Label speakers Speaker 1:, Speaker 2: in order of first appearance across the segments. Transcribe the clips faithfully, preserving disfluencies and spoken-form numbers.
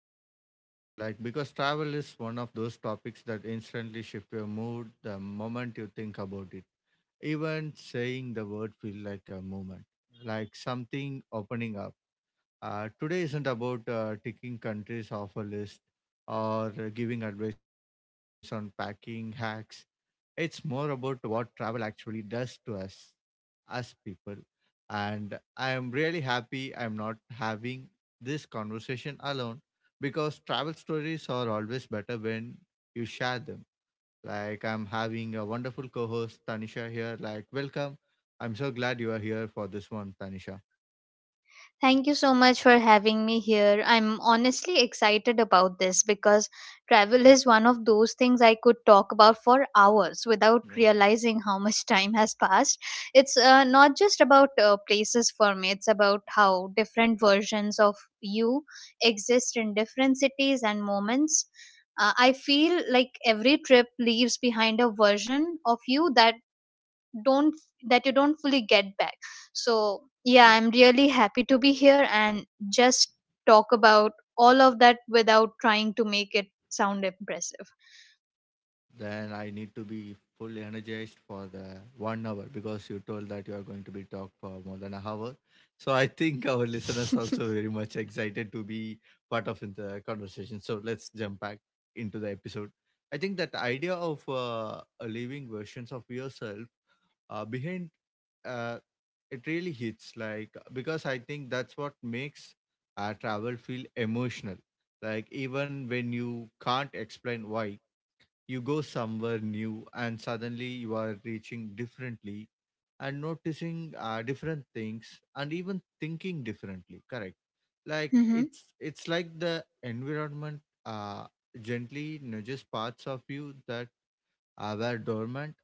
Speaker 1: into this one. Like, because travel is one of those topics that instantly shift your mood the moment you think about it. Even saying the word feel like a movement, like something opening up. Uh, today isn't about uh, ticking countries off a list or uh, giving advice on packing hacks. It's more about what travel actually does to us as people. And I am really happy I'm not having this conversation alone because travel stories are always better when you share them. Like, I'm having a wonderful co host, Tanisha, here. Like, welcome. I'm so glad you are here for this one, Tanisha.
Speaker 2: Thank you so much for having me here. I'm honestly excited about this because travel is one of those things I could talk about for hours without
Speaker 1: Wow.
Speaker 2: realizing how much time has passed. It's uh, not just about uh, places for me, it's about how different versions of you exist in different cities and moments. Uh, I feel like every trip leaves behind a version of you that don't that you don't fully get back.
Speaker 1: Yeah.
Speaker 2: So yeah, I'm really happy to be here and just talk about all of that without trying to make it sound impressive.
Speaker 1: Then I need to be fully energized for the one hour because you told that you are going to be talk for more than an hour. So I think our listeners also very much excited to be part of in the conversation. So let's jump back into the episode. I think that idea of uh, leaving versions of yourself uh, behind uh, it really hits, like, because I think that's what makes uh, travel feel emotional. Like even when you can't explain why you go somewhere new, and suddenly you are reaching differently and noticing uh, different things and even thinking differently. Correct. Like
Speaker 2: Mhm.
Speaker 1: it's it's like the environment uh, gently nudges parts of you that uh, were dormant,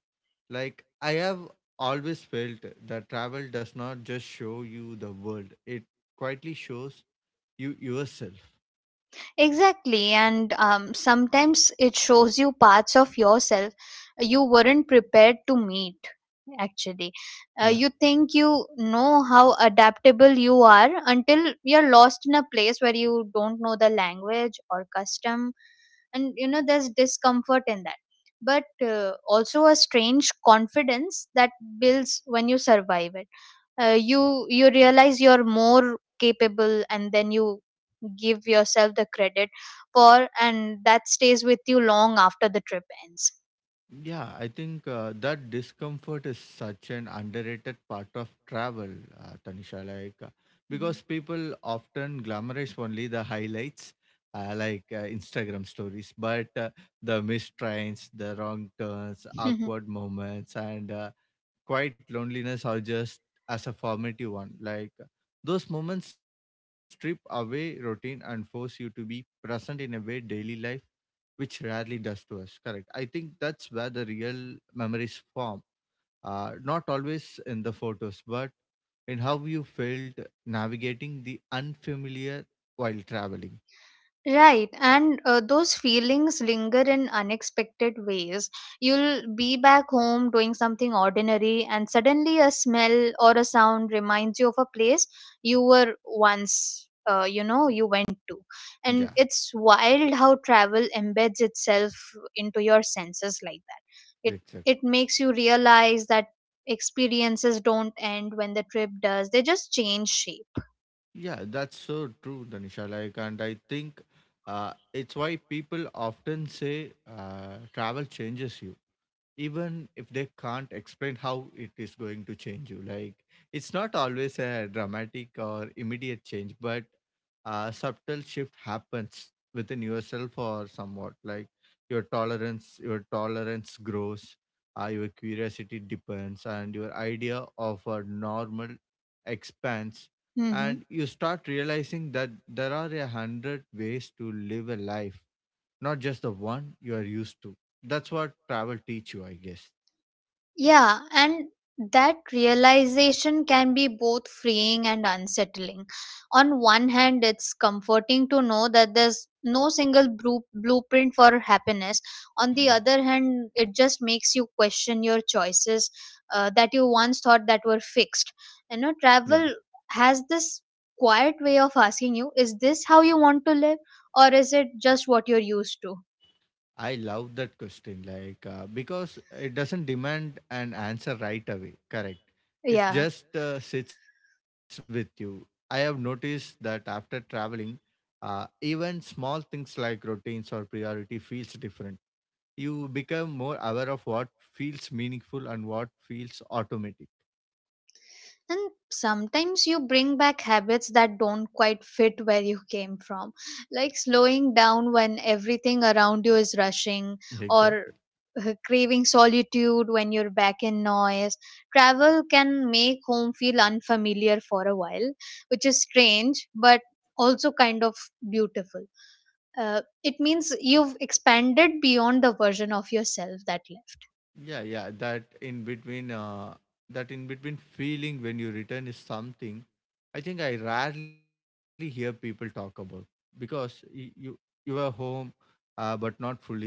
Speaker 1: like I have always felt that travel does not just show you the world. It quietly shows you yourself.
Speaker 2: Exactly. And um, sometimes it shows you parts of yourself you weren't prepared to meet, actually. Uh,
Speaker 1: Yeah.
Speaker 2: you think you know how adaptable you are until you're lost in a place where you don't know the language or custom. And, you know, there's discomfort in that. But uh, also a strange confidence that builds when you survive it. Uh, you you realize you're more capable, and then you give yourself the credit for, and that stays with you long after the trip ends.
Speaker 1: Yeah, I think uh, that discomfort is such an underrated part of travel, uh, Tanisha. Like, uh,
Speaker 2: Mhm.
Speaker 1: because people often glamorize only the highlights, uh, like uh, Instagram stories, but uh, the missed trains, the wrong turns, awkward moments, and uh, quiet loneliness or just as a formative one. Like those moments strip away routine and force you to be present in a way daily life which rarely does to us. Correct. I think that's where the real memories form. Uh, not always in the photos, but in how you felt navigating the unfamiliar while traveling.
Speaker 2: Right, and uh, those feelings linger in unexpected ways. You'll be back home doing something ordinary, and suddenly a smell or a sound reminds you of a place you were once, uh, you know, you went to. And
Speaker 1: Yeah,
Speaker 2: it's wild how travel embeds itself into your senses like that. It it
Speaker 1: exactly.
Speaker 2: makes you realize that experiences don't end when the trip does; they just change shape.
Speaker 1: Yeah, that's so true, Danisha. Like, and I think uh, it's why people often say uh, travel changes you, even if they can't explain how it is going to change you. Like, it's not always a dramatic or immediate change, but a subtle shift happens within yourself, or somewhat like your tolerance your tolerance grows, uh, your curiosity deepens and your idea of a normal expands,
Speaker 2: Mm-hmm.
Speaker 1: and you start realizing that there are a hundred ways to live a life, not just the one you are used to. That's what travel teach you, I guess.
Speaker 2: Yeah, and that realization can be both freeing and unsettling. On one hand, it's comforting to know that there's no single bru- blueprint for happiness. On the
Speaker 1: Yeah.
Speaker 2: other hand, it just makes you question your choices uh, that you once thought that were fixed. You know,
Speaker 1: Yeah,
Speaker 2: travel has this quiet way of asking you, is this how you want to live or is it just what you're used to?
Speaker 1: I love that question, like uh, because it doesn't demand an answer right away. Correct. It
Speaker 2: Yeah.
Speaker 1: just uh, sits with you. I have noticed that after traveling, uh, even small things like routines or priority feels different. You become more aware of what feels meaningful and what feels automatic.
Speaker 2: And sometimes you bring back habits that don't quite fit where you came from, like slowing down when everything around you is rushing, or
Speaker 1: Exactly.
Speaker 2: uh, craving solitude when you're back in noise. Travel can make home feel unfamiliar for a while, which is strange, but also kind of beautiful. Uh, it means you've expanded beyond the version of yourself that left.
Speaker 1: Yeah, yeah, that in between uh, that in between feeling when you return is something I think I rarely hear people talk about, because you you, you are home, uh, but not fully settled,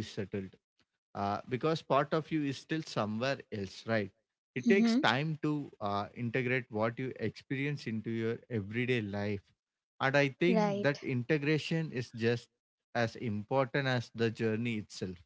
Speaker 1: uh, because part of you is still somewhere else, right? It takes
Speaker 2: Hmm.
Speaker 1: time to uh, integrate what you experience into your everyday life, and I think
Speaker 2: Right.
Speaker 1: that integration is just as important as the journey itself.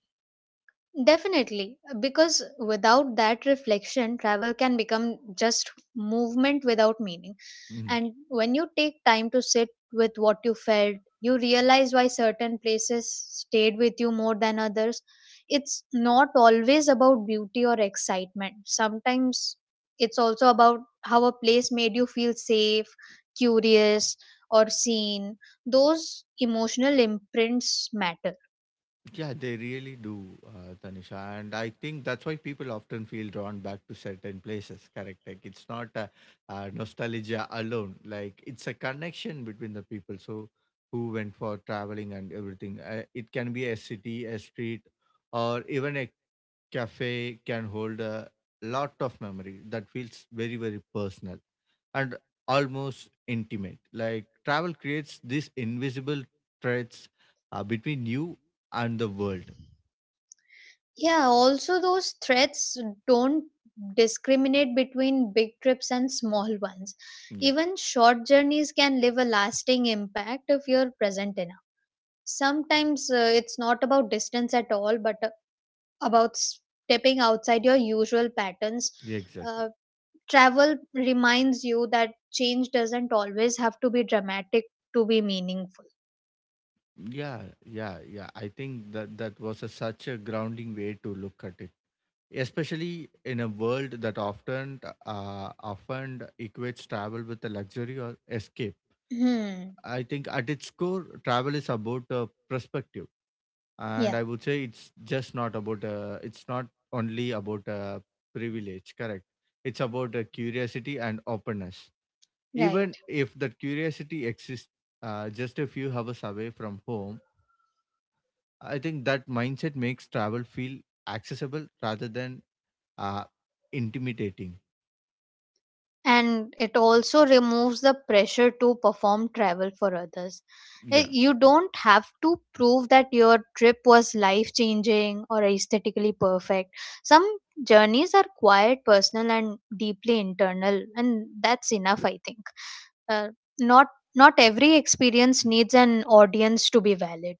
Speaker 2: Definitely, because without that reflection, travel can become just movement without meaning.
Speaker 1: Mm-hmm.
Speaker 2: And when you take time to sit with what you felt, you realize why certain places stayed with you more than others. It's not always about beauty or excitement, sometimes it's also about how a place made you feel safe, curious, or seen. Those emotional imprints matter.
Speaker 1: Yeah, they really do, uh, Tanisha. And I think that's why people often feel drawn back to certain places, correct? Like it's not a, uh nostalgia alone, like it's a connection between the people. So, who went for traveling and everything. Uh, it can be a city, a street, or even a cafe can hold a lot of memory that feels very, very personal and almost intimate. Like travel creates these invisible threads uh, between you and the world.
Speaker 2: Yeah, also those threats don't discriminate between big trips and small ones.
Speaker 1: Yeah,
Speaker 2: Even short journeys can leave a lasting impact if you're present enough. Sometimes uh, it's not about distance at all, but uh, about stepping outside your usual patterns.
Speaker 1: yeah, exactly.
Speaker 2: Uh, Travel reminds you that change doesn't always have to be dramatic to be meaningful.
Speaker 1: Yeah, yeah, yeah, I think that that was a, such a grounding way to look at it, especially in a world that often uh, often equates travel with a luxury or escape.
Speaker 2: Hmm.
Speaker 1: I think at its core, travel is about a perspective, and
Speaker 2: Yeah,
Speaker 1: I would say it's just not about a, it's not only about a privilege. Correct. It's about a curiosity and openness. Even
Speaker 2: right.
Speaker 1: if that curiosity exists uh, just a few hours away from home. I think that mindset makes travel feel accessible rather than uh, intimidating.
Speaker 2: And it also removes the pressure to perform travel for others.
Speaker 1: Yeah,
Speaker 2: Eh, you don't have to prove that your trip was life changing or aesthetically perfect. Some journeys are quiet personal and deeply internal, and that's enough I think. Uh, not not every experience needs an audience to be valid.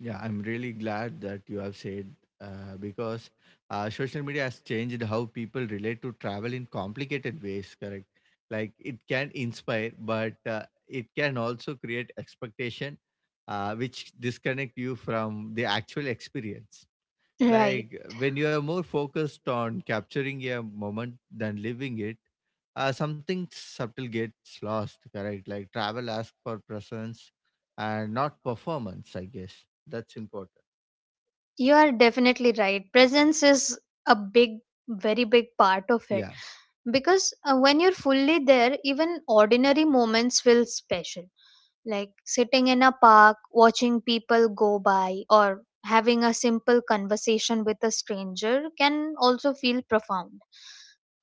Speaker 1: yeah. I'm really glad that you have said uh, because uh, social media has changed how people relate to travel in complicated ways. Correct. Like it can inspire, but uh, it can also create expectation, uh, which disconnect you from the actual experience.
Speaker 2: Right.
Speaker 1: Like when you are more focused on capturing a moment than living it, uh, something subtle gets lost, correct? Like travel asks for presence and not performance, I guess. That's important.
Speaker 2: You are definitely right, presence is a big, very big part of it.
Speaker 1: Yeah.
Speaker 2: Because uh, when you're fully there, even ordinary moments feel special. Like sitting in a park watching people go by or having a simple conversation with a stranger can also feel profound.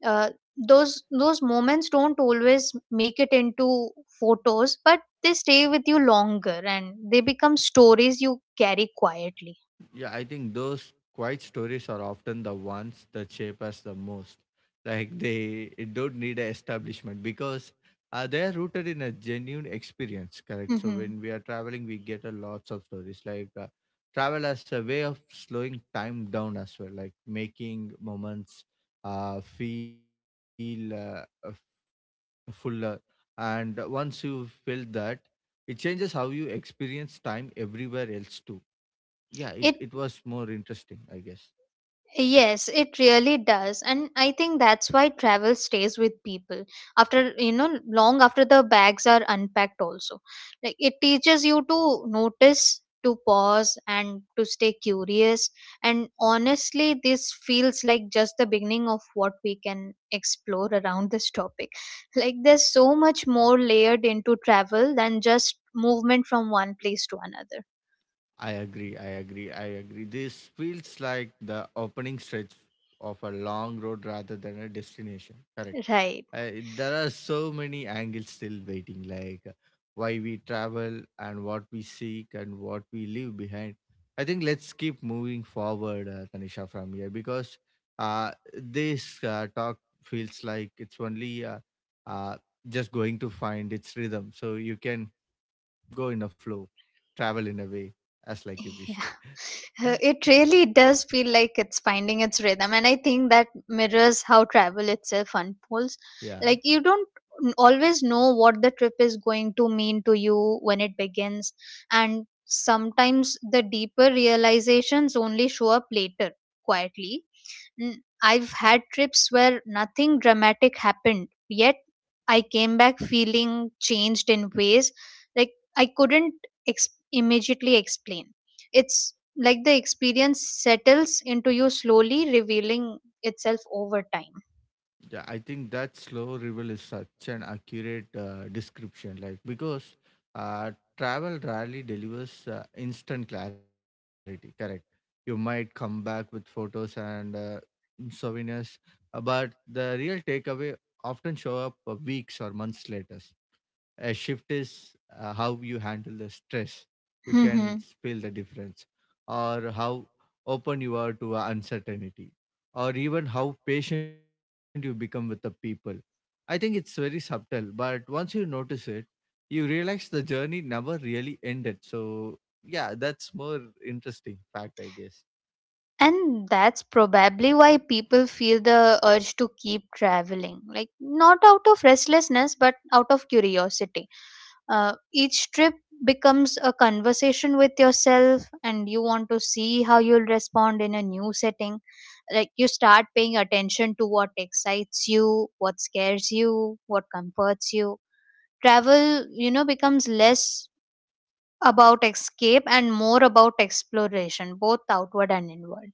Speaker 2: Uh, those those moments don't always make it into photos, but they stay with you longer, and they become stories you carry quietly.
Speaker 1: Yeah, I think those quiet stories are often the ones that shape us the most. Like they don't need an establishment because uh, they are rooted in a genuine experience, correct? So
Speaker 2: Mhm.
Speaker 1: when we are traveling, we get a lots of stories, like uh, travel as a way of slowing time down as well, like making moments uh, feel uh, f- fuller. And once you feel that, it changes how you experience time everywhere else too. Yeah, it, it
Speaker 2: it
Speaker 1: was more interesting, I guess.
Speaker 2: Yes, it really does. And I think that's why travel stays with people after, you know, long after the bags are unpacked, also. Like it teaches you to notice, to pause, and to stay curious. And honestly, this feels like just the beginning of what we can explore around this topic. Like there's so much more layered into travel than just movement from one place to another.
Speaker 1: I agree i agree I agree, this feels like the opening stretch of a long road rather than a destination, correct?
Speaker 2: Right.
Speaker 1: Uh, there are so many angles still waiting, like uh, why we travel and what we seek and what we leave behind. I think let's keep moving forward, uh, Tanisha, from here, because uh, this uh, talk feels like it's only uh, uh, just going to find its rhythm, so you can go in a flow, travel in a way, as like you wish.
Speaker 2: Yeah. Uh, It really does feel like it's finding its rhythm, and I think that mirrors how travel itself unfolds.
Speaker 1: yeah.
Speaker 2: Like, you don't n- always know what the trip is going to mean to you when it begins, and sometimes the deeper realizations only show up later, quietly. N- I've had trips where nothing dramatic happened, yet I came back feeling changed in ways like I couldn't ex- immediately explain. It's like the experience settles into you slowly, revealing itself over time.
Speaker 1: Yeah, I think that slow revel is such an accurate uh, description, like, because uh, travel rarely delivers uh, instant clarity. Correct. You might come back with photos and uh, souvenirs, uh, but the real takeaway often show up uh, weeks or months later. A shift is uh, how you handle the stress. You can
Speaker 2: hmm
Speaker 1: feel the difference, or how open you are to uh, uncertainty, or even how patient you become with the people. I think it's very subtle, but once you notice it, you realize the journey never really ended. So yeah, that's more interesting fact, I guess.
Speaker 2: And that's probably why people feel the urge to keep traveling. Like, not out of restlessness, but out of curiosity. Uh, each trip becomes a conversation with yourself, and you want to see how you'll respond in a new setting. Like you start paying attention to what excites you, what scares you, what comforts you. Travel you know becomes less about escape and more about exploration, both outward and inward.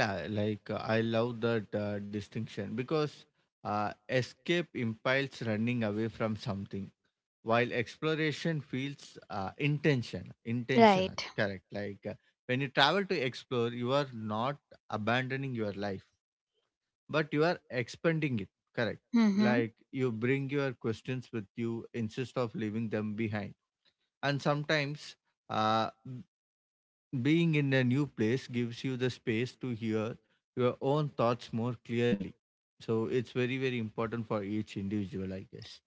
Speaker 1: Yeah, like uh, I love that uh, distinction because uh, escape implies running away from something, while exploration feels uh, intention intentional,
Speaker 2: Right.
Speaker 1: correct? Like uh, when you travel to explore, you are not abandoning your life, but you are expanding it, correct?
Speaker 2: Mm-hmm.
Speaker 1: Like you bring your questions with you insist of leaving them behind, and sometimes uh, b- being in a new place gives you the space to hear your own thoughts more clearly, so it's very very important for each individual, I guess.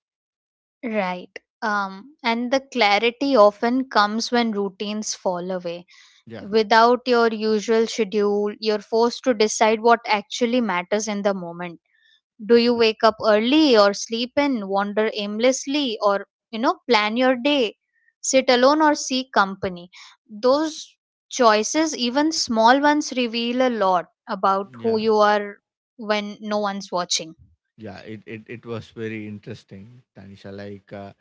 Speaker 2: Right. Um and the clarity often comes when routines fall away.
Speaker 1: Yeah,
Speaker 2: Without your usual schedule, you're forced to decide what actually matters in the moment. Do you wake up early or sleep in, wander aimlessly, or you know, plan your day, sit alone or seek company? Those choices, even small ones, reveal a lot about who
Speaker 1: yeah.
Speaker 2: you are when no one's watching.
Speaker 1: Yeah, it, it, it was very interesting, Tanisha. Like uh,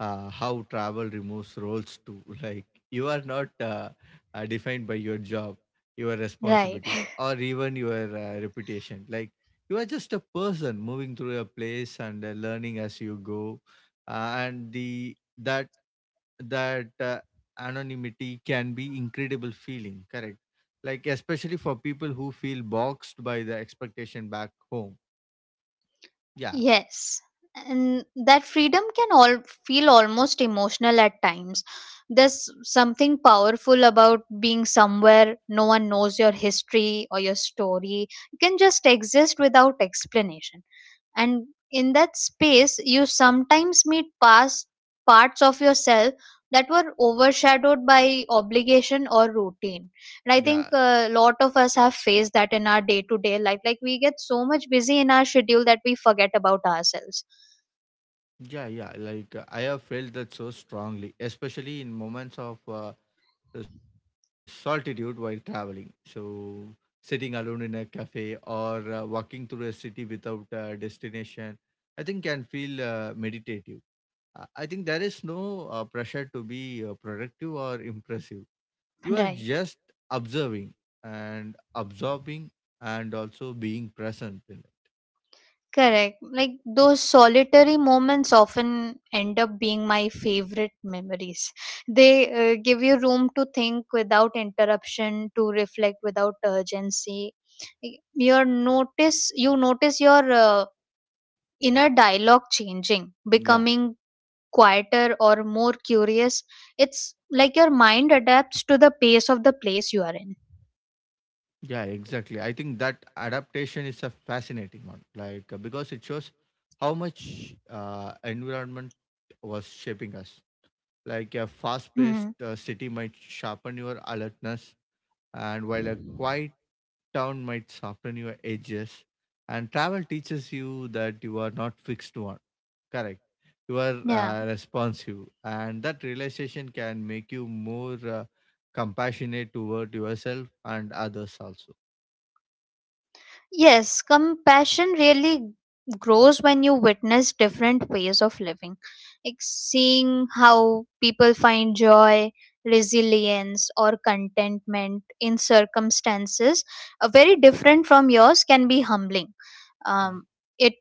Speaker 1: uh, how travel removes roles too. Like you are not uh, uh, defined by your job, your
Speaker 2: Right.
Speaker 1: responsibilities, or even your uh, reputation. Like you are just a person moving through a place and uh, learning as you go, uh, and the that that uh, anonymity can be incredible feeling. Correct. Like especially for people who feel boxed by the expectation back home. Yeah,
Speaker 2: Yes, and that freedom can all feel almost emotional at times. There's something powerful about being somewhere no one knows your history or your story. You can just exist without explanation, and in that space you sometimes meet past parts of yourself that were overshadowed by obligation or routine. And I think
Speaker 1: yeah.
Speaker 2: a lot of us have faced that in our day to day life, like we get so much busy in our schedule that we forget about ourselves.
Speaker 1: Yeah, yeah. Like uh, I have felt that so strongly, especially in moments of uh, solitude while traveling. So sitting alone in a cafe or uh, walking through a city without uh, destination, I think can feel uh, meditative. I I think there is no uh, pressure to be uh, productive or impressive. You are
Speaker 2: Right.
Speaker 1: just observing and absorbing and also being present in
Speaker 2: Correct. Like those solitary moments often end up being my favorite memories. They uh, give you room to think without interruption, to reflect without urgency. Y- Your notice, you notice your uh, inner dialogue changing,
Speaker 1: it. Yeah.
Speaker 2: becoming quieter or more curious. It's like your mind adapts to the pace of the place you are in.
Speaker 1: Yeah, exactly. I think that adaptation is a fascinating one, like uh, because it shows how much uh, environment was shaping us. Like a fast-paced
Speaker 2: Hmm.
Speaker 1: uh, city might sharpen your alertness, and while a quiet town might soften your edges. And travel teaches you that you are not fixed to one. Correct. You are
Speaker 2: Yeah.
Speaker 1: uh, responsive, and that realization can make you more uh, compassionate toward yourself and others also.
Speaker 2: Yes, compassion really grows when you witness different ways of living. Like seeing how people find joy, resilience, or contentment in circumstances uh, very different from yours can be humbling. Um, it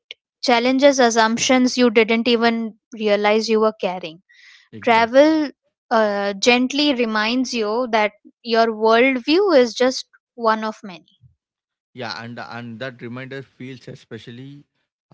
Speaker 2: challenges assumptions you didn't even realize you were carrying.
Speaker 1: Exactly.
Speaker 2: Travel uh, gently reminds you that your worldview is just one of many.
Speaker 1: Yeah, and and that reminder feels especially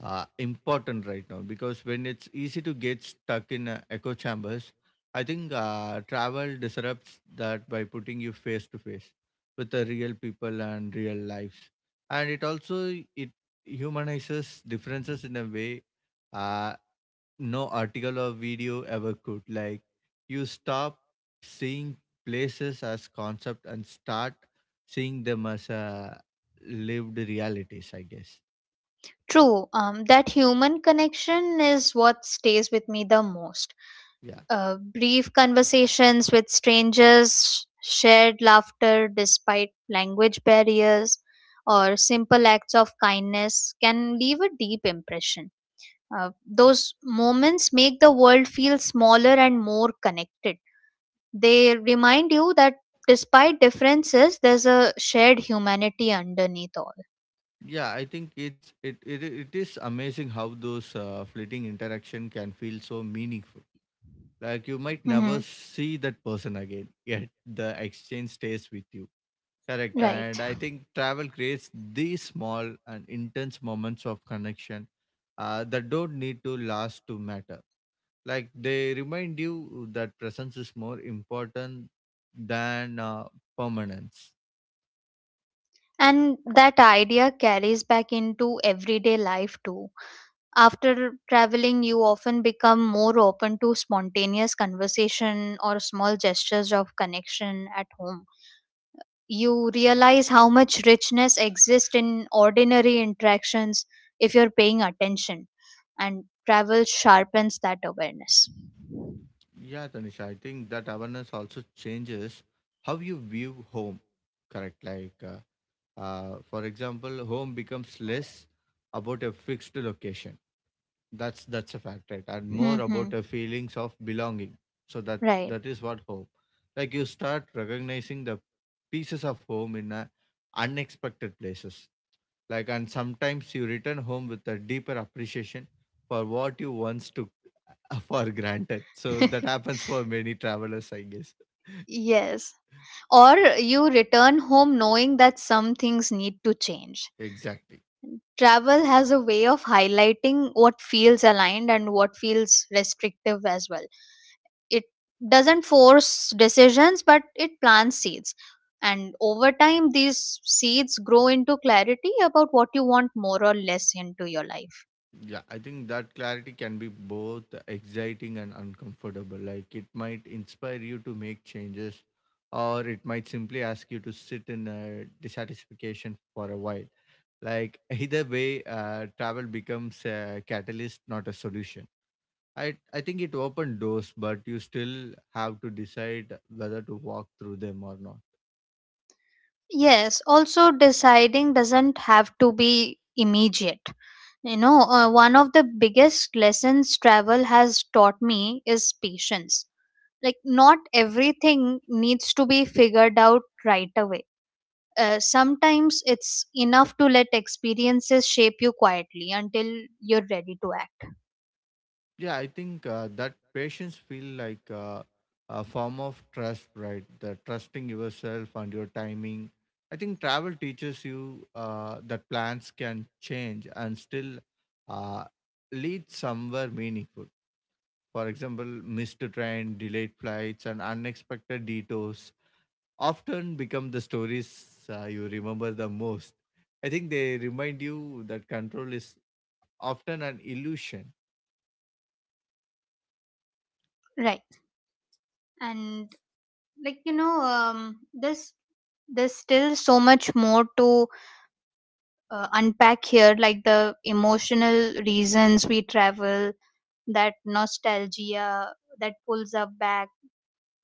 Speaker 1: uh, important right now, because when it's easy to get stuck in uh, echo chambers, I think uh, travel disrupts that by putting you face to face with the real people and real lives, and it also it humanizes differences in a way. Uh, no article or video ever could. Like you stop seeing places as concept and start seeing them as uh, lived realities, I guess.
Speaker 2: True, um, that human connection is what stays with me the most.
Speaker 1: Yeah.
Speaker 2: Uh, brief conversations with strangers, shared laughter despite language barriers, or simple acts of kindness can leave a deep impression. Uh, those moments make the world feel smaller and more connected. They remind you that despite differences, there's a shared humanity underneath all.
Speaker 1: Yeah, I think it's it it, it is amazing how those uh, fleeting interaction can feel so meaningful. Like you might never
Speaker 2: Mhm.
Speaker 1: see that person again, yet the exchange stays with you. Correct.
Speaker 2: Right.
Speaker 1: And I think travel creates these small and intense moments of connection uh, that don't need to last to matter. Like they remind you that presence is more important than uh, permanence.
Speaker 2: And that idea carries back into everyday life too. After traveling, you often become more open to spontaneous conversation or small gestures of connection at home. You realize how much richness exists in ordinary interactions if you're paying attention, and travel sharpens that awareness.
Speaker 1: Yeah, Tanisha, I think that awareness also changes how you view home, correct? Like, uh, uh, for example, home becomes less about a fixed location. That's that's a fact, right? And more
Speaker 2: Hmm.
Speaker 1: about a feelings of belonging. So that
Speaker 2: Right.
Speaker 1: that is what home. Like you start recognizing the pieces of home in uh unexpected places like, and sometimes you return home with a deeper appreciation for what you once took for granted. So that happens for many travelers, I guess.
Speaker 2: Yes. Or you return home knowing that some things need to change.
Speaker 1: Exactly.
Speaker 2: Travel has a way of highlighting what feels aligned and what feels restrictive as well. It doesn't force decisions, but it plants seeds. And over time, these seeds grow into clarity about what you want more or less into your life.
Speaker 1: Yeah, I think that clarity can be both exciting and uncomfortable. Like it might inspire you to make changes, or it might simply ask you to sit in a dissatisfaction for a while. Like either way, uh, travel becomes a catalyst, not a solution. I I think it opened doors, but you still have to decide whether to walk through them or not.
Speaker 2: Yes, also deciding doesn't have to be immediate. You know, uh, one of the biggest lessons travel has taught me is patience. Like not everything needs to be figured out right away. Uh, sometimes it's enough to let experiences shape you quietly until you're ready to act.
Speaker 1: Yeah, I think uh, that patience feel like uh, a form of trust, right? The trusting yourself and your timing. I think travel teaches you uh, that plans can change and still uh, lead somewhere meaningful. For example, missed train, delayed flights, and unexpected detours often become the stories uh, you remember the most. I think they remind you that control is often an illusion.
Speaker 2: Right. And like you know um, this there's still so much more to uh, unpack here, like the emotional reasons we travel, that nostalgia that pulls us back,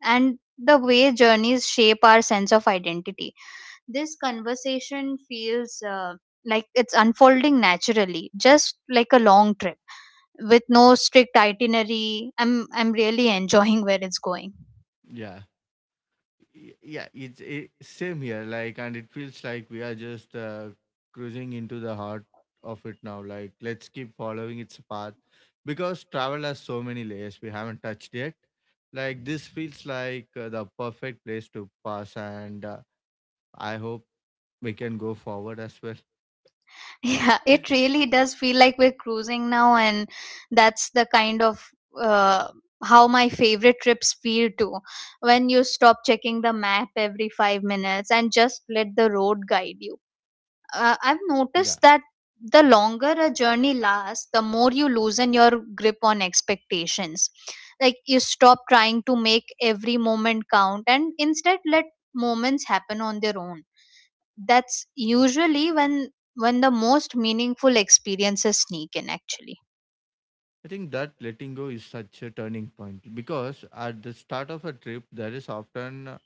Speaker 2: and the way journeys shape our sense of identity. This conversation feels uh, like it's unfolding naturally, just like a long trip with no strict itinerary. I'm i'm really enjoying where it's going.
Speaker 1: Yeah. Y- Yeah, it's it, same here. Like, and it feels like we are just uh, cruising into the heart of it now. Like, let's keep following its path because travel has so many layers we haven't touched yet. Like, this feels like uh, the perfect place to pass, and uh, I hope we can go forward as well.
Speaker 2: Yeah, it really does feel like we're cruising now, and that's the kind of uh, how my favorite trips feel too, when you stop checking the map every five minutes and just let the road guide you. uh, I've
Speaker 1: Yeah.
Speaker 2: noticed that the longer a journey lasts, the more you loosen your grip on expectations. Like you stop trying to make every moment count and instead let moments happen on their own. That's usually when when the most meaningful experiences sneak in, actually.
Speaker 1: I think that letting go is such a turning point because at the start of a trip there is often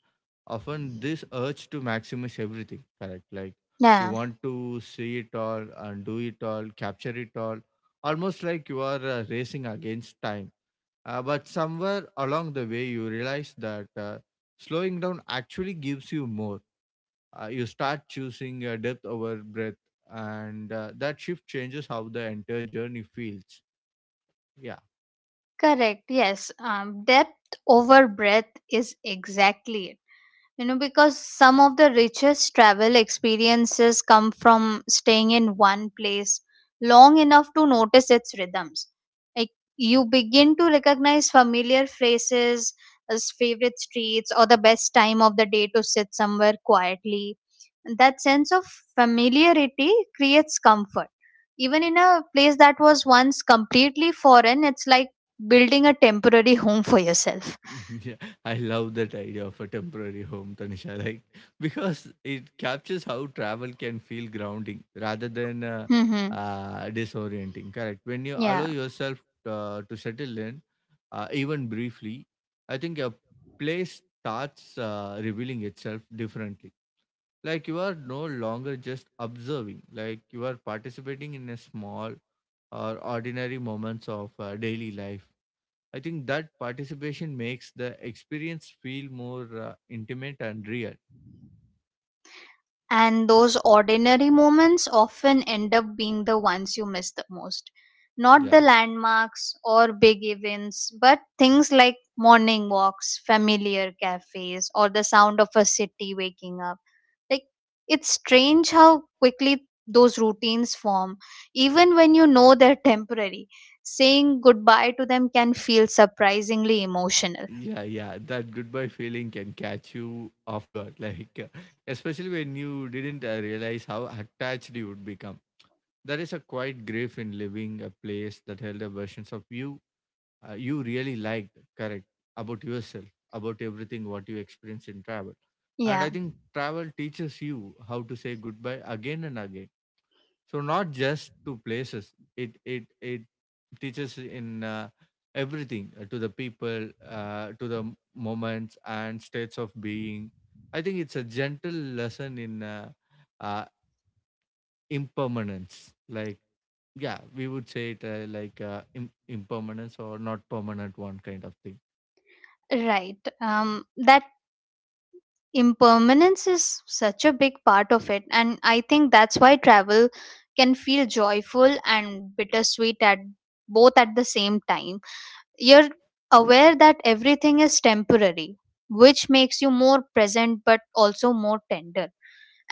Speaker 1: often this urge to maximize everything, correct? Like you
Speaker 2: Yeah.
Speaker 1: want to see it all and do it all, capture it all, almost like you are uh, racing against time. Uh, but somewhere along the way you realize that uh, slowing down actually gives you more. Uh, you start choosing uh, depth over breadth and uh, that shift changes how the entire journey feels. Yeah.
Speaker 2: Correct. Yes. Um, depth over breadth is exactly it. You know, because some of the richest travel experiences come from staying in one place long enough to notice its rhythms. Like you begin to recognize familiar phrases, as favorite streets, or the best time of the day to sit somewhere quietly. And that sense of familiarity creates comfort. Even in a place that was once completely foreign, it's like building a temporary home for yourself.
Speaker 1: Yeah, I love that idea of a temporary home, Tanisha. Like because it captures how travel can feel grounding rather than uh,
Speaker 2: Mm-hmm.
Speaker 1: uh, disorienting. Correct. When you
Speaker 2: Yeah.
Speaker 1: allow yourself uh, to settle in, uh, even briefly, I think a place starts uh, revealing itself differently. Like you are no longer just observing. Like you are participating in a small or ordinary moments of uh, daily life. I think that participation makes the experience feel more uh, intimate and real.
Speaker 2: And those ordinary moments often end up being the ones you miss the most. Not
Speaker 1: Yeah.
Speaker 2: the landmarks or big events, but things like morning walks, familiar cafes, or the sound of a city waking up. Like, it's strange how quickly those routines form, even when you know they're temporary. Saying goodbye to them can feel surprisingly emotional.
Speaker 1: Yeah, yeah, that goodbye feeling can catch you off guard, like uh, especially when you didn't uh, realize how attached you would become. There is a quiet grief in leaving a place that held the versions of you uh, you really liked, correct, about yourself, about everything what you experienced in travel. And
Speaker 2: Yeah,
Speaker 1: I think travel teaches you how to say goodbye again and again, so not just to places it it it teaches in uh, everything uh, to the people uh, to the m- moments and states of being. I think it's a gentle lesson in uh, uh, impermanence. Like, yeah, we would say it uh, like uh, Im- impermanence or not permanent one kind of thing.
Speaker 2: right. Um, that Impermanence is such a big part of it, and I think that's why travel can feel joyful and bittersweet at both at the same time. You're aware that everything is temporary, which makes you more present but also more tender.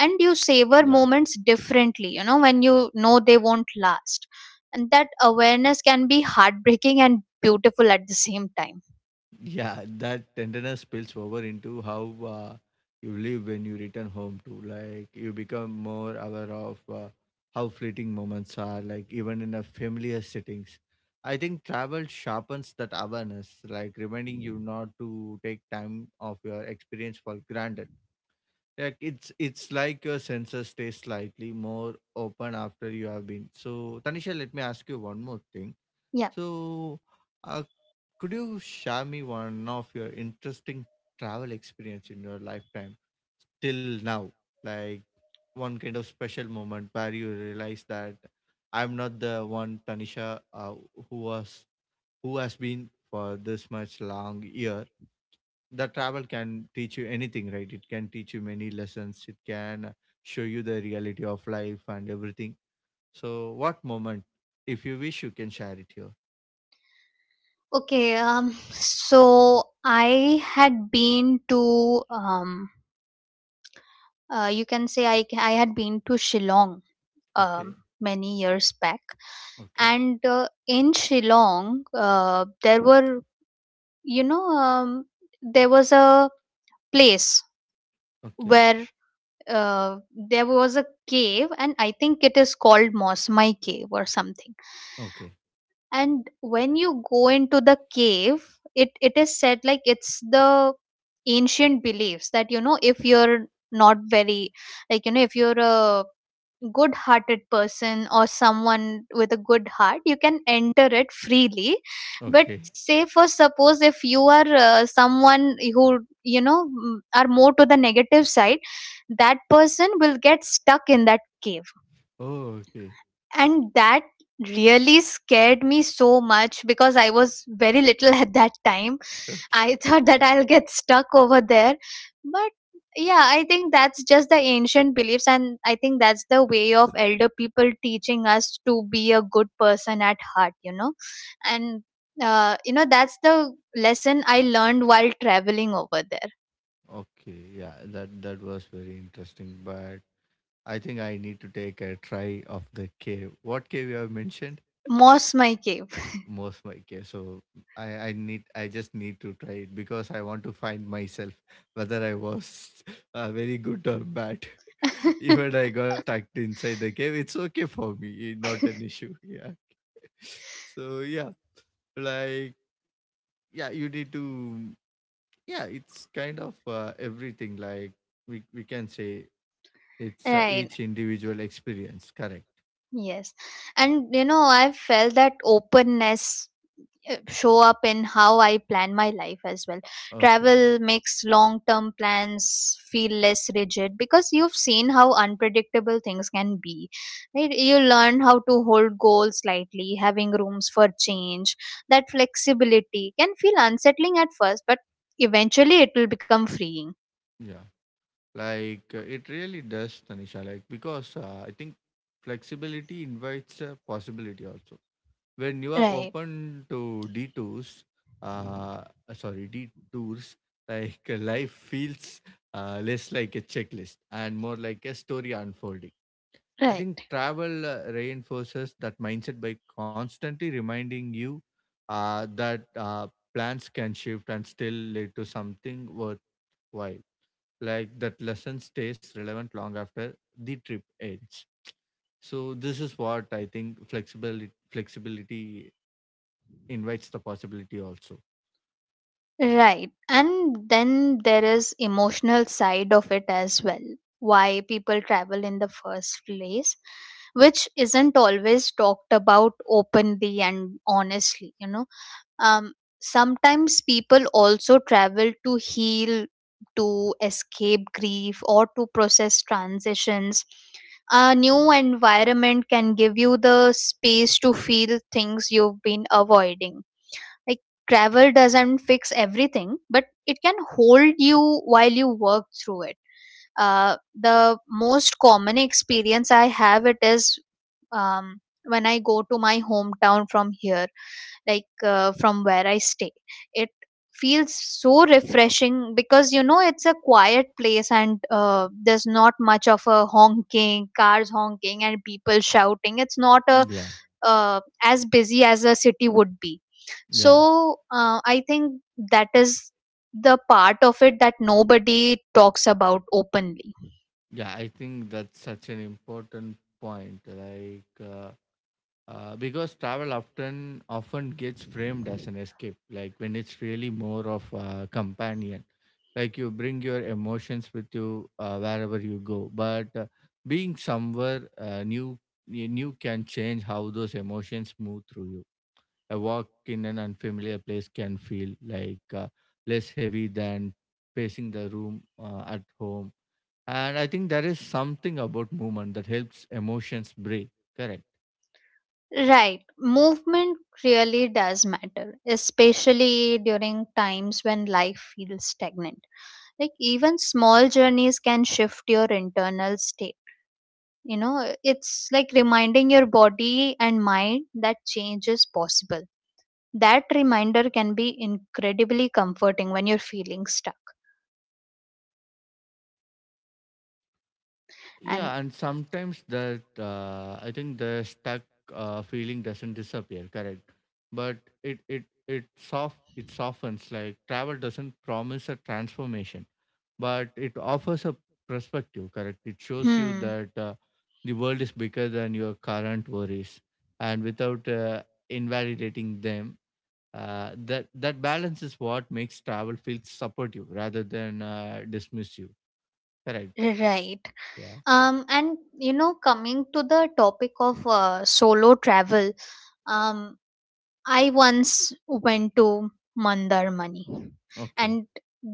Speaker 2: And you savor moments differently, you know, when you know they won't last. And that awareness can be heartbreaking and beautiful at the same time.
Speaker 1: Yeah, that tenderness spills over into how uh, you live when you return home too. Like you become more aware of uh, how fleeting moments are, like even in a familiar settings. I think travel sharpens that awareness, like reminding you not to take time of your experience for granted. Like it's it's like your senses stay slightly more open after you have been. So Tanisha, let me ask you one more thing.
Speaker 2: Yeah.
Speaker 1: So uh, could you share me one of your interesting travel experience in your lifetime till now? Like one kind of special moment where you realize that I'm not the one Tanisha uh, who was who has been for this much long year. The travel can teach you anything, right? It can teach you many lessons. It can show you the reality of life and everything. So, what moment, if you wish, you can share it here.
Speaker 2: Okay, um, so I had been to, um, uh, you can say I, I had been to Shillong
Speaker 1: Okay,
Speaker 2: um, many years back.
Speaker 1: okay,
Speaker 2: And uh, in Shillong, uh, there were, you know, um, there was a place
Speaker 1: okay,
Speaker 2: where uh, there was a cave, and I think it is called Mosmai Cave or something.
Speaker 1: okay,
Speaker 2: And when you go into the cave it it is said like it's the ancient beliefs that you know if you're not very like you know if you're a good hearted person or someone with a good heart you can enter it freely. But
Speaker 1: okay.
Speaker 2: say for suppose if you are uh, someone who you know mm, are more to the negative side, that person will get stuck in that cave.
Speaker 1: Oh, okay.
Speaker 2: And that really scared me so much because I was very little at that time.
Speaker 1: Okay.
Speaker 2: I thought that I'll get stuck over there. But yeah, I think that's just the ancient beliefs, and I think that's the way of elder people teaching us to be a good person at heart, you know. And, uh, you know, that's the lesson I learned while traveling over there.
Speaker 1: Okay. Yeah, that that was very interesting. But I think I need to take a try of the cave. What cave you have mentioned?
Speaker 2: Moss my cave.
Speaker 1: Most my cave. So I I need I just need to try it because I want to find myself whether I was uh, very good or bad. Even I got stuck inside the cave. It's okay for me. Not an issue. Yeah. So yeah, like yeah, you need to. Yeah, it's kind of uh, everything. Like we, we can say it's uh,
Speaker 2: Right.
Speaker 1: each individual experience, correct.
Speaker 2: Yes. And, you know, I felt that openness uh, show up in how I plan my life as well.
Speaker 1: Okay.
Speaker 2: Travel makes long term plans feel less rigid because you've seen how unpredictable things can be. Right? You learn how to hold goals lightly, having rooms for change. That flexibility can feel unsettling at first, but eventually it will become freeing.
Speaker 1: Yeah. Like uh, it really does, Tanisha. Like because uh, I think flexibility invites uh, possibility also when you are
Speaker 2: Right,
Speaker 1: open to detours uh uh, sorry, detours. Like uh, life feels uh, less like a checklist and more like a story unfolding. I
Speaker 2: right.
Speaker 1: think travel uh, reinforces that mindset by constantly reminding you uh, that uh, plans can shift and still lead to something worthwhile. Like that lesson stays relevant long after the trip ends. So this is what I think: flexibility flexibility invites the possibility also.
Speaker 2: Right. And then there is emotional side of it as well. Why people travel in the first place, which isn't always talked about openly and honestly, you know. Um Sometimes people also travel to heal, to escape grief or to process transitions. A new environment can give you the space to feel things you've been avoiding, like travel doesn't fix everything but it can hold you while you work through it. Uh, the most common experience I have it is, um, when I go to my hometown from here, like uh, from where I stay, it feels so refreshing because you know it's a quiet place and uh, there's not much of a honking, cars honking and people shouting, it's not a
Speaker 1: Yeah,
Speaker 2: uh, as busy as a city would be.
Speaker 1: yeah,
Speaker 2: So uh, I think that is the part of it that nobody talks about openly.
Speaker 1: yeah. I think that's such an important point. Like. Uh, Uh, because travel often often gets framed as an escape, like when it's really more of a companion. Like you bring your emotions with you uh, wherever you go, but uh, being somewhere uh, new new can change how those emotions move through you. A walk in an unfamiliar place can feel like uh, less heavy than pacing the room uh, at home, and I think there is something about movement that helps emotions breathe. Correct.
Speaker 2: Right, movement really does matter especially during times when life feels stagnant, like even small journeys can shift your internal state, you know it's like reminding your body and mind that change is possible. That reminder can be incredibly comforting when you're feeling stuck. And
Speaker 1: Yeah, and sometimes that uh, I think the stuck uh, feeling doesn't disappear, correct? But it it it soft it softens. Like travel doesn't promise a transformation, but it offers a perspective, correct? It shows you
Speaker 2: hmm,
Speaker 1: that uh, the world is bigger than your current worries, and without uh, invalidating them, uh, that that balance is what makes travel feel supportive rather than uh, dismiss you, correct?
Speaker 2: right.
Speaker 1: Yeah.
Speaker 2: Um, and you know, coming to the topic of uh, solo travel, um, I once went to Mandarmani,
Speaker 1: Okay.
Speaker 2: and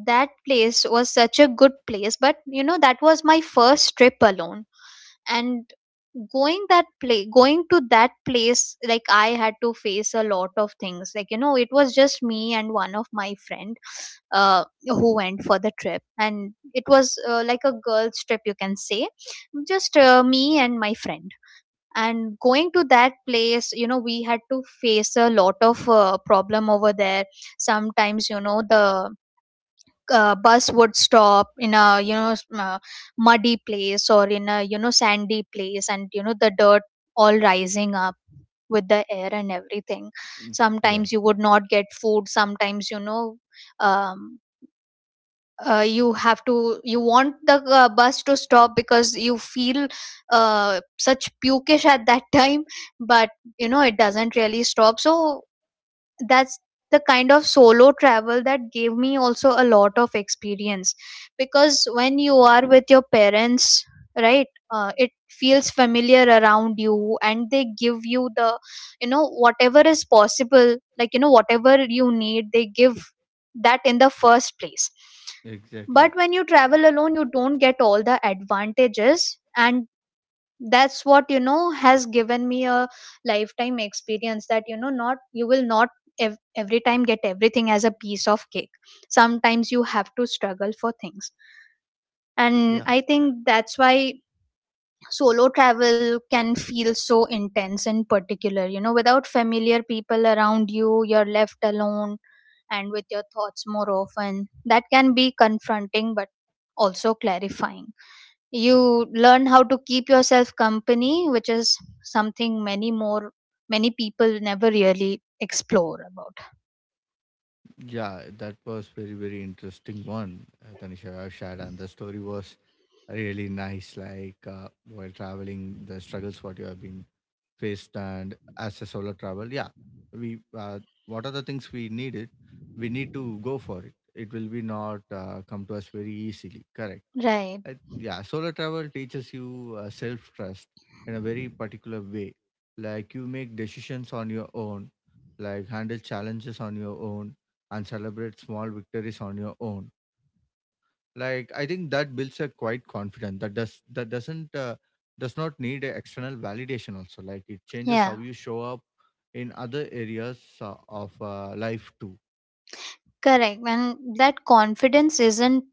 Speaker 2: that place was such a good place. But you know, that was my first trip alone, and going that play going to that place like I had to face a lot of things, like you know it was just me and one of my friend uh, who went for the trip, and it was uh, like a girls trip you can say, just uh, me and my friend. And going to that place you know we had to face a lot of uh, problem over there. Sometimes you know the uh, bus would stop in a you know s- uh, muddy place or in a you know sandy place, and you know the dirt all rising up with the air and everything. Sometimes
Speaker 1: Yeah.
Speaker 2: you would not get food, sometimes you know, um, uh, you have to you want the uh, bus to stop because you feel uh, such pukish at that time. But you know it doesn't really stop. So that's the kind of solo travel that gave me also a lot of experience, because when you are with your parents, right, uh, it feels familiar around you and they give you the, you know, whatever is possible, like you know whatever you need they give that in the first place. But when you
Speaker 1: Exactly.
Speaker 2: travel alone you don't get all the advantages. And that's what, you know, has given me a lifetime experience, that you know not you will not ev- every time get everything as a piece of cake. Sometimes you have to struggle for things,
Speaker 1: Yeah.
Speaker 2: and I think that's why solo travel can feel so intense, in particular you know without familiar people around you, you're left alone and with your thoughts more often. That can be confronting but also clarifying. You learn how to keep yourself company, which is something many more many people never really explore about.
Speaker 1: Yeah. That was very, very interesting one, uh, Tanisha I've shared. And the story was really nice. Like uh, while traveling, the struggles what you have been faced and as a solo travel. Yeah. We, uh, what are the things we need it? We need to go for it. It will be not uh, come to us very easily. Correct.
Speaker 2: Right.
Speaker 1: I, yeah, solo travel teaches you uh, self trust in a very particular way. Like you make decisions on your own, like handle challenges on your own, and celebrate small victories on your own. Like I think that builds a quite confidence that does that doesn't uh, does not need a external validation. Also, like it changes how you
Speaker 2: Yeah.
Speaker 1: show up in other areas uh, of uh, life too.
Speaker 2: Correct, and that confidence isn't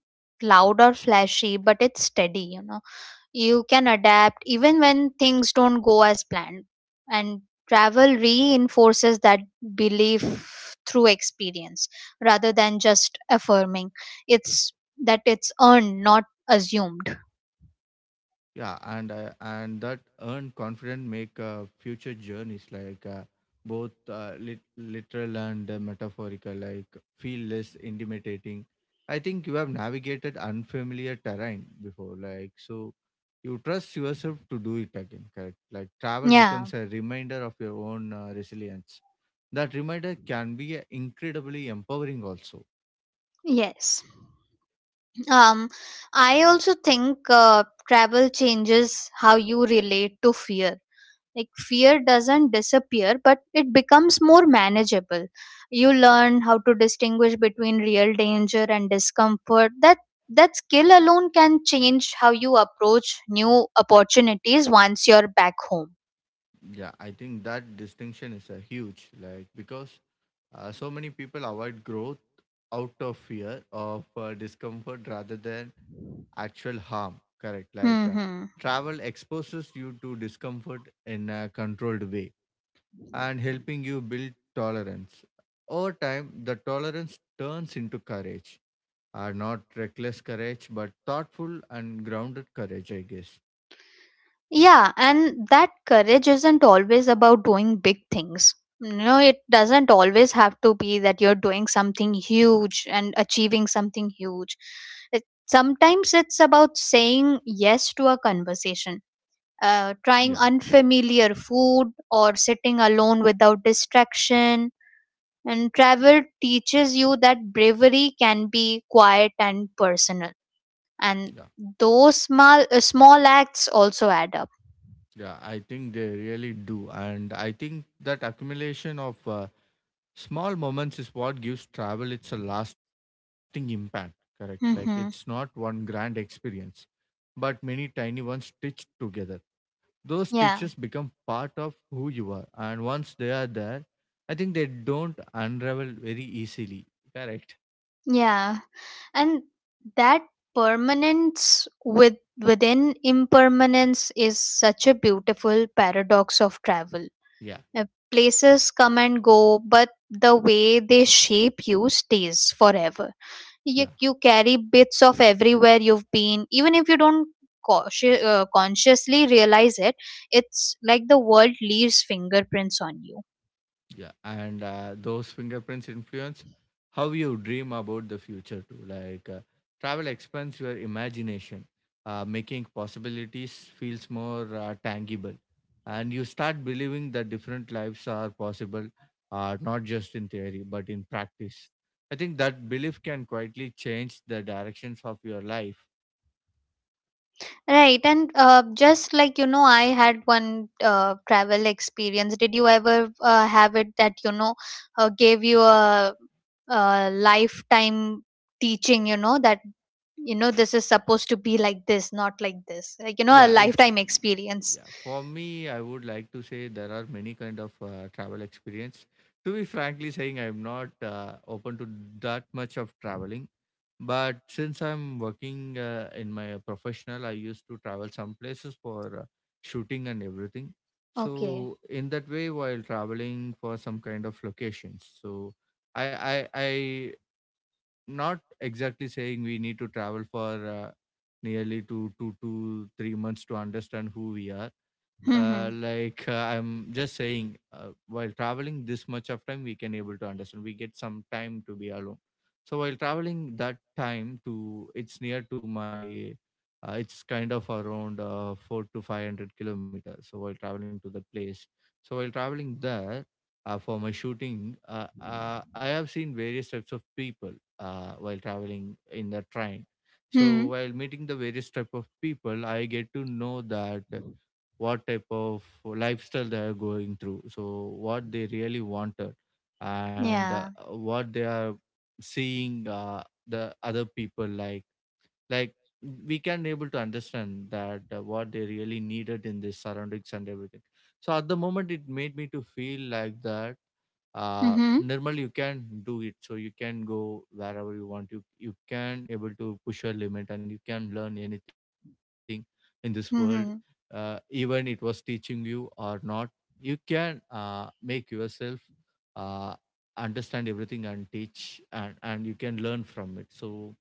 Speaker 2: loud or flashy but it's steady, you know. You can adapt even when things don't go as planned, and travel reinforces that belief through experience rather than just affirming. It's that it's earned, not assumed.
Speaker 1: Yeah, and uh, and that earned confidence make uh, future journeys like uh, both uh, lit- literal and uh, metaphorical, like feel less intimidating. I think you have navigated unfamiliar terrain before, like so you trust yourself to do it again. Correct? Like travel
Speaker 2: Yeah.
Speaker 1: becomes a reminder of your own uh, resilience. That reminder can be uh, incredibly empowering also.
Speaker 2: Yes. Um, I also think uh, travel changes how you relate to fear. Like, fear doesn't disappear, but it becomes more manageable. You learn how to distinguish between real danger and discomfort. That that skill alone can change how you approach new opportunities once you're back home.
Speaker 1: Yeah, I think that distinction is uh, huge. Like because Uh, so many people avoid growth out of fear of uh, discomfort rather than actual harm. Correct. Like uh,
Speaker 2: Hmm.
Speaker 1: travel exposes you to discomfort in a controlled way and helping you build tolerance. Over time, the tolerance turns into courage. Uh, not reckless courage, but thoughtful and grounded courage, I guess.
Speaker 2: Yeah, and that courage isn't always about doing big things. You know, it doesn't always have to be that you're doing something huge and achieving something huge. It, sometimes it's about saying yes to a conversation,
Speaker 1: Yeah,
Speaker 2: uh, trying unfamiliar food, or sitting alone without distraction. And travel teaches you that bravery can be quiet and personal. And
Speaker 1: yeah,
Speaker 2: those small, uh, small acts also add up.
Speaker 1: yeah. I think they really do. And I think that accumulation of uh, small moments is what gives travel its a lasting impact, correct? Like it's not
Speaker 2: Hmm.
Speaker 1: one grand experience but many tiny ones stitched together. Those stitches
Speaker 2: Yeah,
Speaker 1: become part of who you are, and once they are there, I think they don't unravel very easily, correct?
Speaker 2: yeah, and that permanence with within impermanence is such a beautiful paradox of travel.
Speaker 1: Yeah.
Speaker 2: Uh, Places come and go, but the way they shape you stays forever. You,
Speaker 1: Yeah.
Speaker 2: you carry bits of everywhere you've been, even if you don't cautio- uh, consciously realize it. It's like the world leaves fingerprints on you.
Speaker 1: Yeah, and uh, those fingerprints influence how you dream about the future too. Like uh, travel expands your imagination, uh, making possibilities feels more uh, tangible, and you start believing that different lives are possible, uh, not just in theory but in practice. I think that belief can quietly change the directions of your life.
Speaker 2: Right, and uh, just like you know, I had one uh, travel experience. Did you ever uh, have it that you know uh, gave you a, a lifetime teaching? You know that you know this is supposed to be like this, not like this. Like you know, a
Speaker 1: yeah it's
Speaker 2: lifetime experience.
Speaker 1: yeah For me, I would like to say there are many kind of uh, travel experience. To be frankly saying, I'm not uh, open to that much of traveling, but since I'm working uh, in my professional, I used to travel some places for uh, shooting and everything.
Speaker 2: Okay.
Speaker 1: So in that way, while traveling for some kind of locations, so i i i not exactly saying we need to travel for uh, nearly two, two to three months to understand who we are.
Speaker 2: Hmm.
Speaker 1: Uh, like uh, I'm just saying, uh, while traveling this much of time, we can able to understand. We get some time to be alone. So while traveling that time to, it's near to my, uh, it's kind of around uh, four to five hundred kilometers. So while traveling to that place, so while traveling there uh, for my shooting, uh, uh, I have seen various types of people uh, while traveling in the train.
Speaker 2: Hmm.
Speaker 1: So while meeting the various type of people, I get to know that what type of lifestyle they are going through. So what they really wanted, and uh,
Speaker 2: Yeah.
Speaker 1: what they are seeing uh, the other people, like like we can able to understand that uh, what they really needed in their surroundings and everything. So at the moment, it made me to feel like that, uh
Speaker 2: Hmm.
Speaker 1: normally you can do it. So you can go wherever you want. You you can able to push your limit and you can learn anything in this world. Uh,
Speaker 2: Hmm.
Speaker 1: even it was teaching you or not, you can uh, make yourself uh, understand everything and teach, and and you can learn from it. So,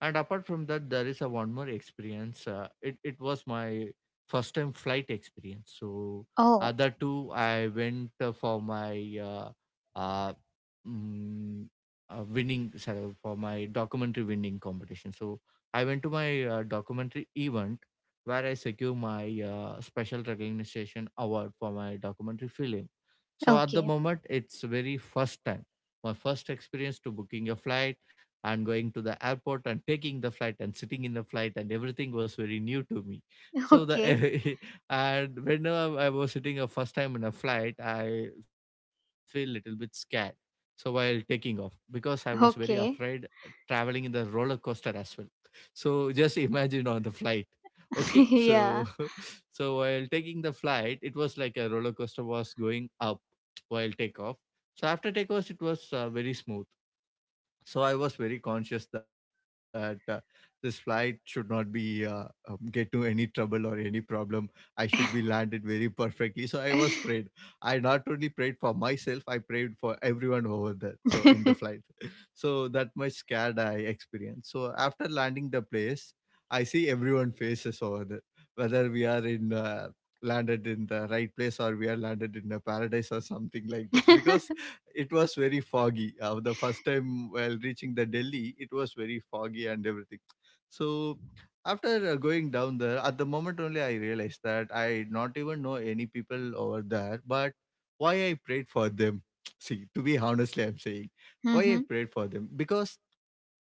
Speaker 1: and apart from that, there is a one more experience. uh, it, it was my first time flight experience. So
Speaker 2: Oh.
Speaker 1: other two, I went uh, for my uh, uh, mm, uh, winning, sorry, for my documentary winning competition. So I went to my uh, documentary event where I secure my uh, special recognition award for my documentary film. So at the
Speaker 2: Okay.
Speaker 1: moment, it's very first time, my first experience to booking a flight and going to the airport and taking the flight and sitting in the flight, and everything was very new to me. So the
Speaker 2: Okay.
Speaker 1: and whenever I was sitting a first time in a flight, I feel little bit scared, so while taking off, because I was very afraid
Speaker 2: Okay.
Speaker 1: traveling in the roller coaster as well. So just imagine on the flight. Okay, so
Speaker 2: Yeah.
Speaker 1: so while taking the flight, it was like a roller coaster was going up while takeoff. So after takeoff, it was uh, very smooth. So I was very conscious that uh, this flight should not be uh, um, get to any trouble or any problem. I should be landed very perfectly, so I was prayed. I not only prayed for myself, I prayed for everyone over there, so in the flight so that much scared I experienced. So after landing the place, I see everyone faces over there, whether we are in uh, landed in the right place, or we are landed in a paradise or something like that, because it was very foggy. Uh, the first time while reaching the Delhi, it was very foggy and everything. So after uh, going down there, at the moment only I realized that I not even know any people over there. But why I prayed for them? See, to be honestly, I'm saying why I
Speaker 2: Hmm.
Speaker 1: prayed for them, because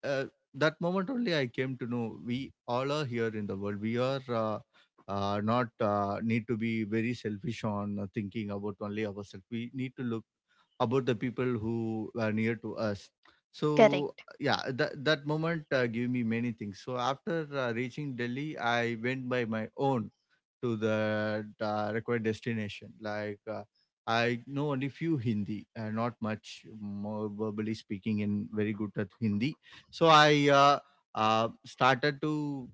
Speaker 1: uh, that moment only I came to know we all are here in the world. We are. Uh, uh, not uh, need to be very selfish on uh, thinking about only ourselves. We need to look about the people who were near to us. So
Speaker 2: Correct.
Speaker 1: yeah, that that moment uh, gave me many things. So after uh, reaching Delhi, I went by my own to the uh, required destination. Like uh, I know only few Hindi, uh, not much more verbally speaking in very good at Hindi. So I uh, uh, started to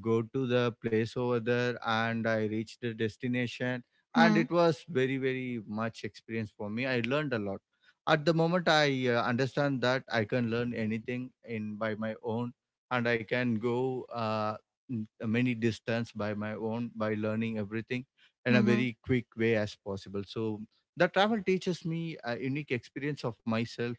Speaker 1: go to the place over there, and I reached the destination, and
Speaker 2: Hmm.
Speaker 1: it was very very much experience for me. I learned a lot. At the moment, I uh, understand that I can learn anything in by my own, and I can go. Uh, mm, many distance by my own by learning everything in a
Speaker 2: Hmm.
Speaker 1: very quick way as possible. So the travel teaches me a unique experience of myself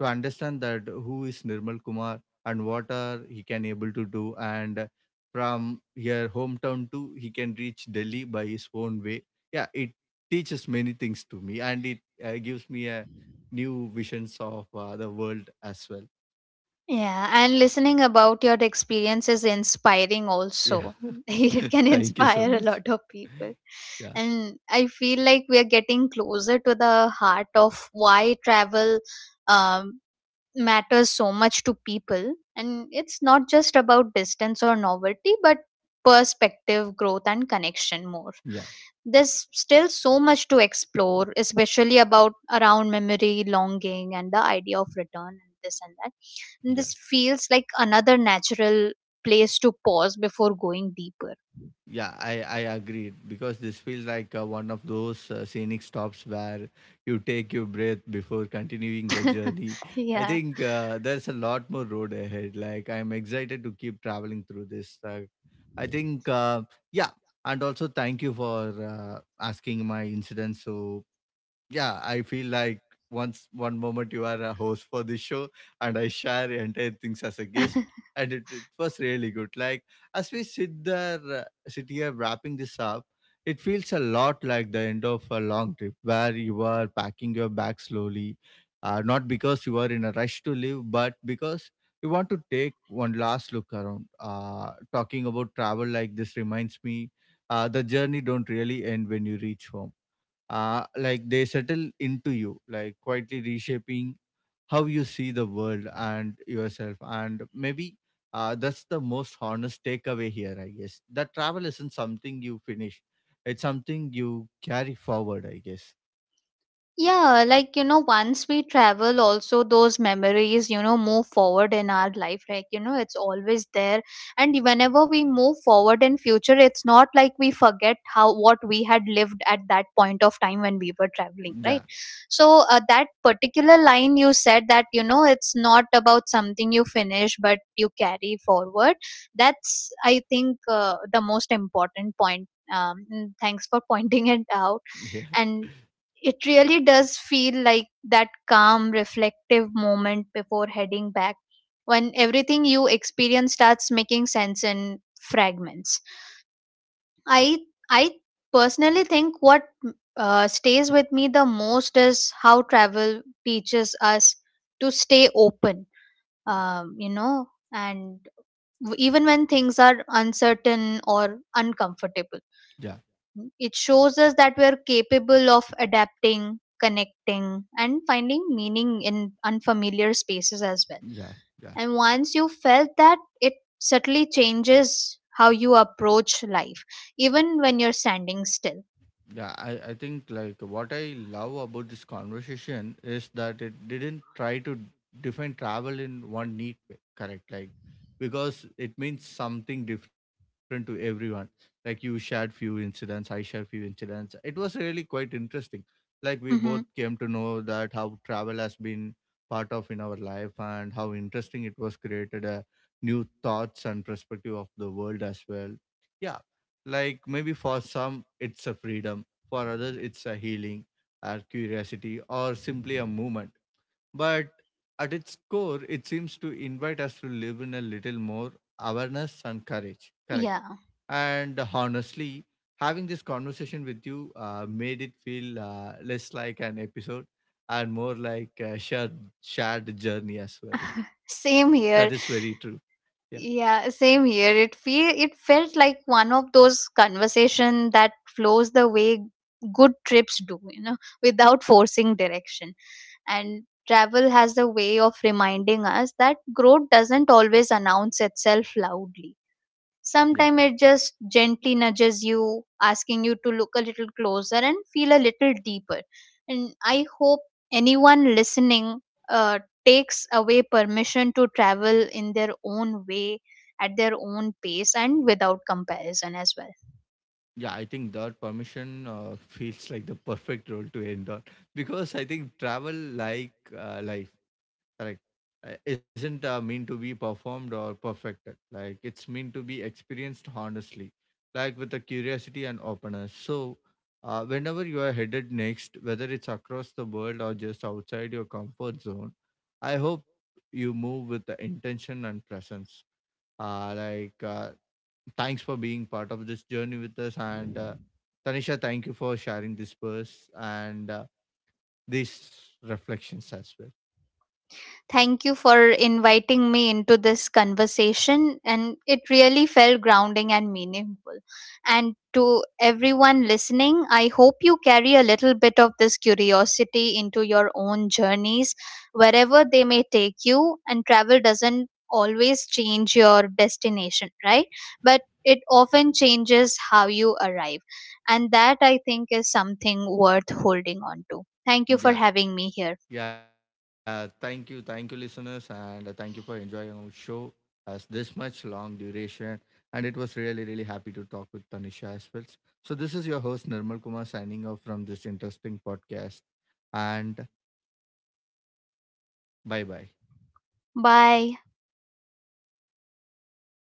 Speaker 1: to understand that who is Nirmal Kumar and what are he can able to do, and from here hometown to he can reach Delhi by his own way. Yeah, it teaches many things to me, and it uh, gives me a new visions of uh, the world as well.
Speaker 2: Yeah, and listening about your experience is inspiring
Speaker 1: Yeah.
Speaker 2: also. It can
Speaker 1: Thank you so
Speaker 2: inspire a
Speaker 1: much.
Speaker 2: lot of people.
Speaker 1: Yeah.
Speaker 2: And I feel like we are getting closer to the heart of why travel um, matters so much to people, and it's not just about distance or novelty but perspective, growth and connection more.
Speaker 1: yeah
Speaker 2: There's still so much to explore, especially about around memory, longing and the idea of return and this and that, and
Speaker 1: Yeah,
Speaker 2: this feels like another natural place to pause before going deeper.
Speaker 1: yeah, I I agree because this feels like uh, one of those uh, scenic stops where you take your breath before continuing the journey. I
Speaker 2: Yeah.
Speaker 1: think uh, there's a lot more road ahead. Like, I'm excited to keep traveling through this. Uh, I think uh, yeah, and also thank you for uh, asking my incident. So yeah, I feel like once, one moment you are a host for this show, and I share entire things as a guest, and it, it was really good. Like as we sit there, uh, sit here wrapping this up, it feels a lot like the end of a long trip where you are packing your bag slowly, uh, not because you are in a rush to leave, but because you want to take one last look around. Uh, talking about travel like this reminds me uh, the journey don't really end when you reach home. Uh, like they settle into you, like quietly reshaping how you see the world and yourself. And maybe uh, that's the most honest takeaway here, I guess. That travel isn't something you finish, it's something you carry forward, I guess.
Speaker 2: Yeah, like you know, once we travel, also those memories, you know, move forward in our life. Like, you know, it's always there. And whenever we move forward in future, it's not like we forget how what we had lived at that point of time when we were traveling,
Speaker 1: Yeah,
Speaker 2: right? So, uh, that particular line you said that, you know, it's not about something you finish, but you carry forward. That's, I think, uh, the most important point. Um, mm, thanks for pointing it out,
Speaker 1: yeah,
Speaker 2: and it really does feel like that calm, reflective moment before heading back when everything you experience starts making sense in fragments. I, I personally think what uh, stays with me the most is how travel teaches us to stay open, um, you know, and w- even when things are uncertain or uncomfortable,
Speaker 1: yeah,
Speaker 2: it shows us that we are capable of adapting, connecting, and finding meaning in unfamiliar spaces as well.
Speaker 1: yeah, yeah.
Speaker 2: And once you felt that, it subtly changes how you approach life, even when you're standing still.
Speaker 1: Yeah, I, I think, like, what I love about this conversation is that it didn't try to define travel in one neat way, correct? Like, because it means something different to everyone. Like, you shared few incidents, I shared few incidents. It was really quite interesting. Like we both
Speaker 2: Hmm.
Speaker 1: came to know that how travel has been part of in our life, and how interesting it was, created a new thoughts and perspective of the world as well. Yeah, like maybe for some it's a freedom, for others, it's a healing, or curiosity, or simply a movement. But at its core, it seems to invite us to live in a little more awareness and courage. Correct.
Speaker 2: Yeah,
Speaker 1: And honestly, having this conversation with you uh, made it feel uh, less like an episode and more like a shared, shared journey as well. That is
Speaker 2: same
Speaker 1: very true.
Speaker 2: here. Yeah, same here. It feel it felt like one of those conversation that flows the way good trips do, you know, without forcing direction. And travel has a way of reminding us that growth doesn't always announce itself loudly.
Speaker 1: Yeah.
Speaker 2: Sometimes it just gently nudges you, asking you to look a little closer and feel a little deeper. And I hope anyone listening uh, takes away permission to travel in their own way, at their own pace, and without comparison as well.
Speaker 1: Yeah, I think that permission uh, feels like the perfect role to end on, because I think travel, like uh, life, correct, uh, isn't uh, meant to be performed or perfected. Like, it's meant to be experienced honestly, like with a curiosity and openness. So uh, whenever you are headed next, whether it's across the world or just outside your comfort zone, I hope you move with the intention and presence. Uh, like uh, Thanks for being part of this journey with us. And uh, Tanisha, thank you for sharing this verse and uh, these reflections as well.
Speaker 2: Thank you for inviting me into this conversation, and it really felt grounding and meaningful. And to everyone listening, I hope you carry a little bit of this curiosity into your own journeys, wherever they may take you. And travel doesn't always change your destination, right? But it often changes how you arrive. And that I think is something worth holding on to. Thank you for
Speaker 1: Yeah.
Speaker 2: having me here.
Speaker 1: Yeah. Thank you. Thank you, listeners. And uh, thank you for enjoying our show as this much long duration. And it was really, really happy to talk with Tanisha as well. So, this is your host, Nirmal Kumar, signing off from this interesting podcast. And bye bye.
Speaker 2: Bye.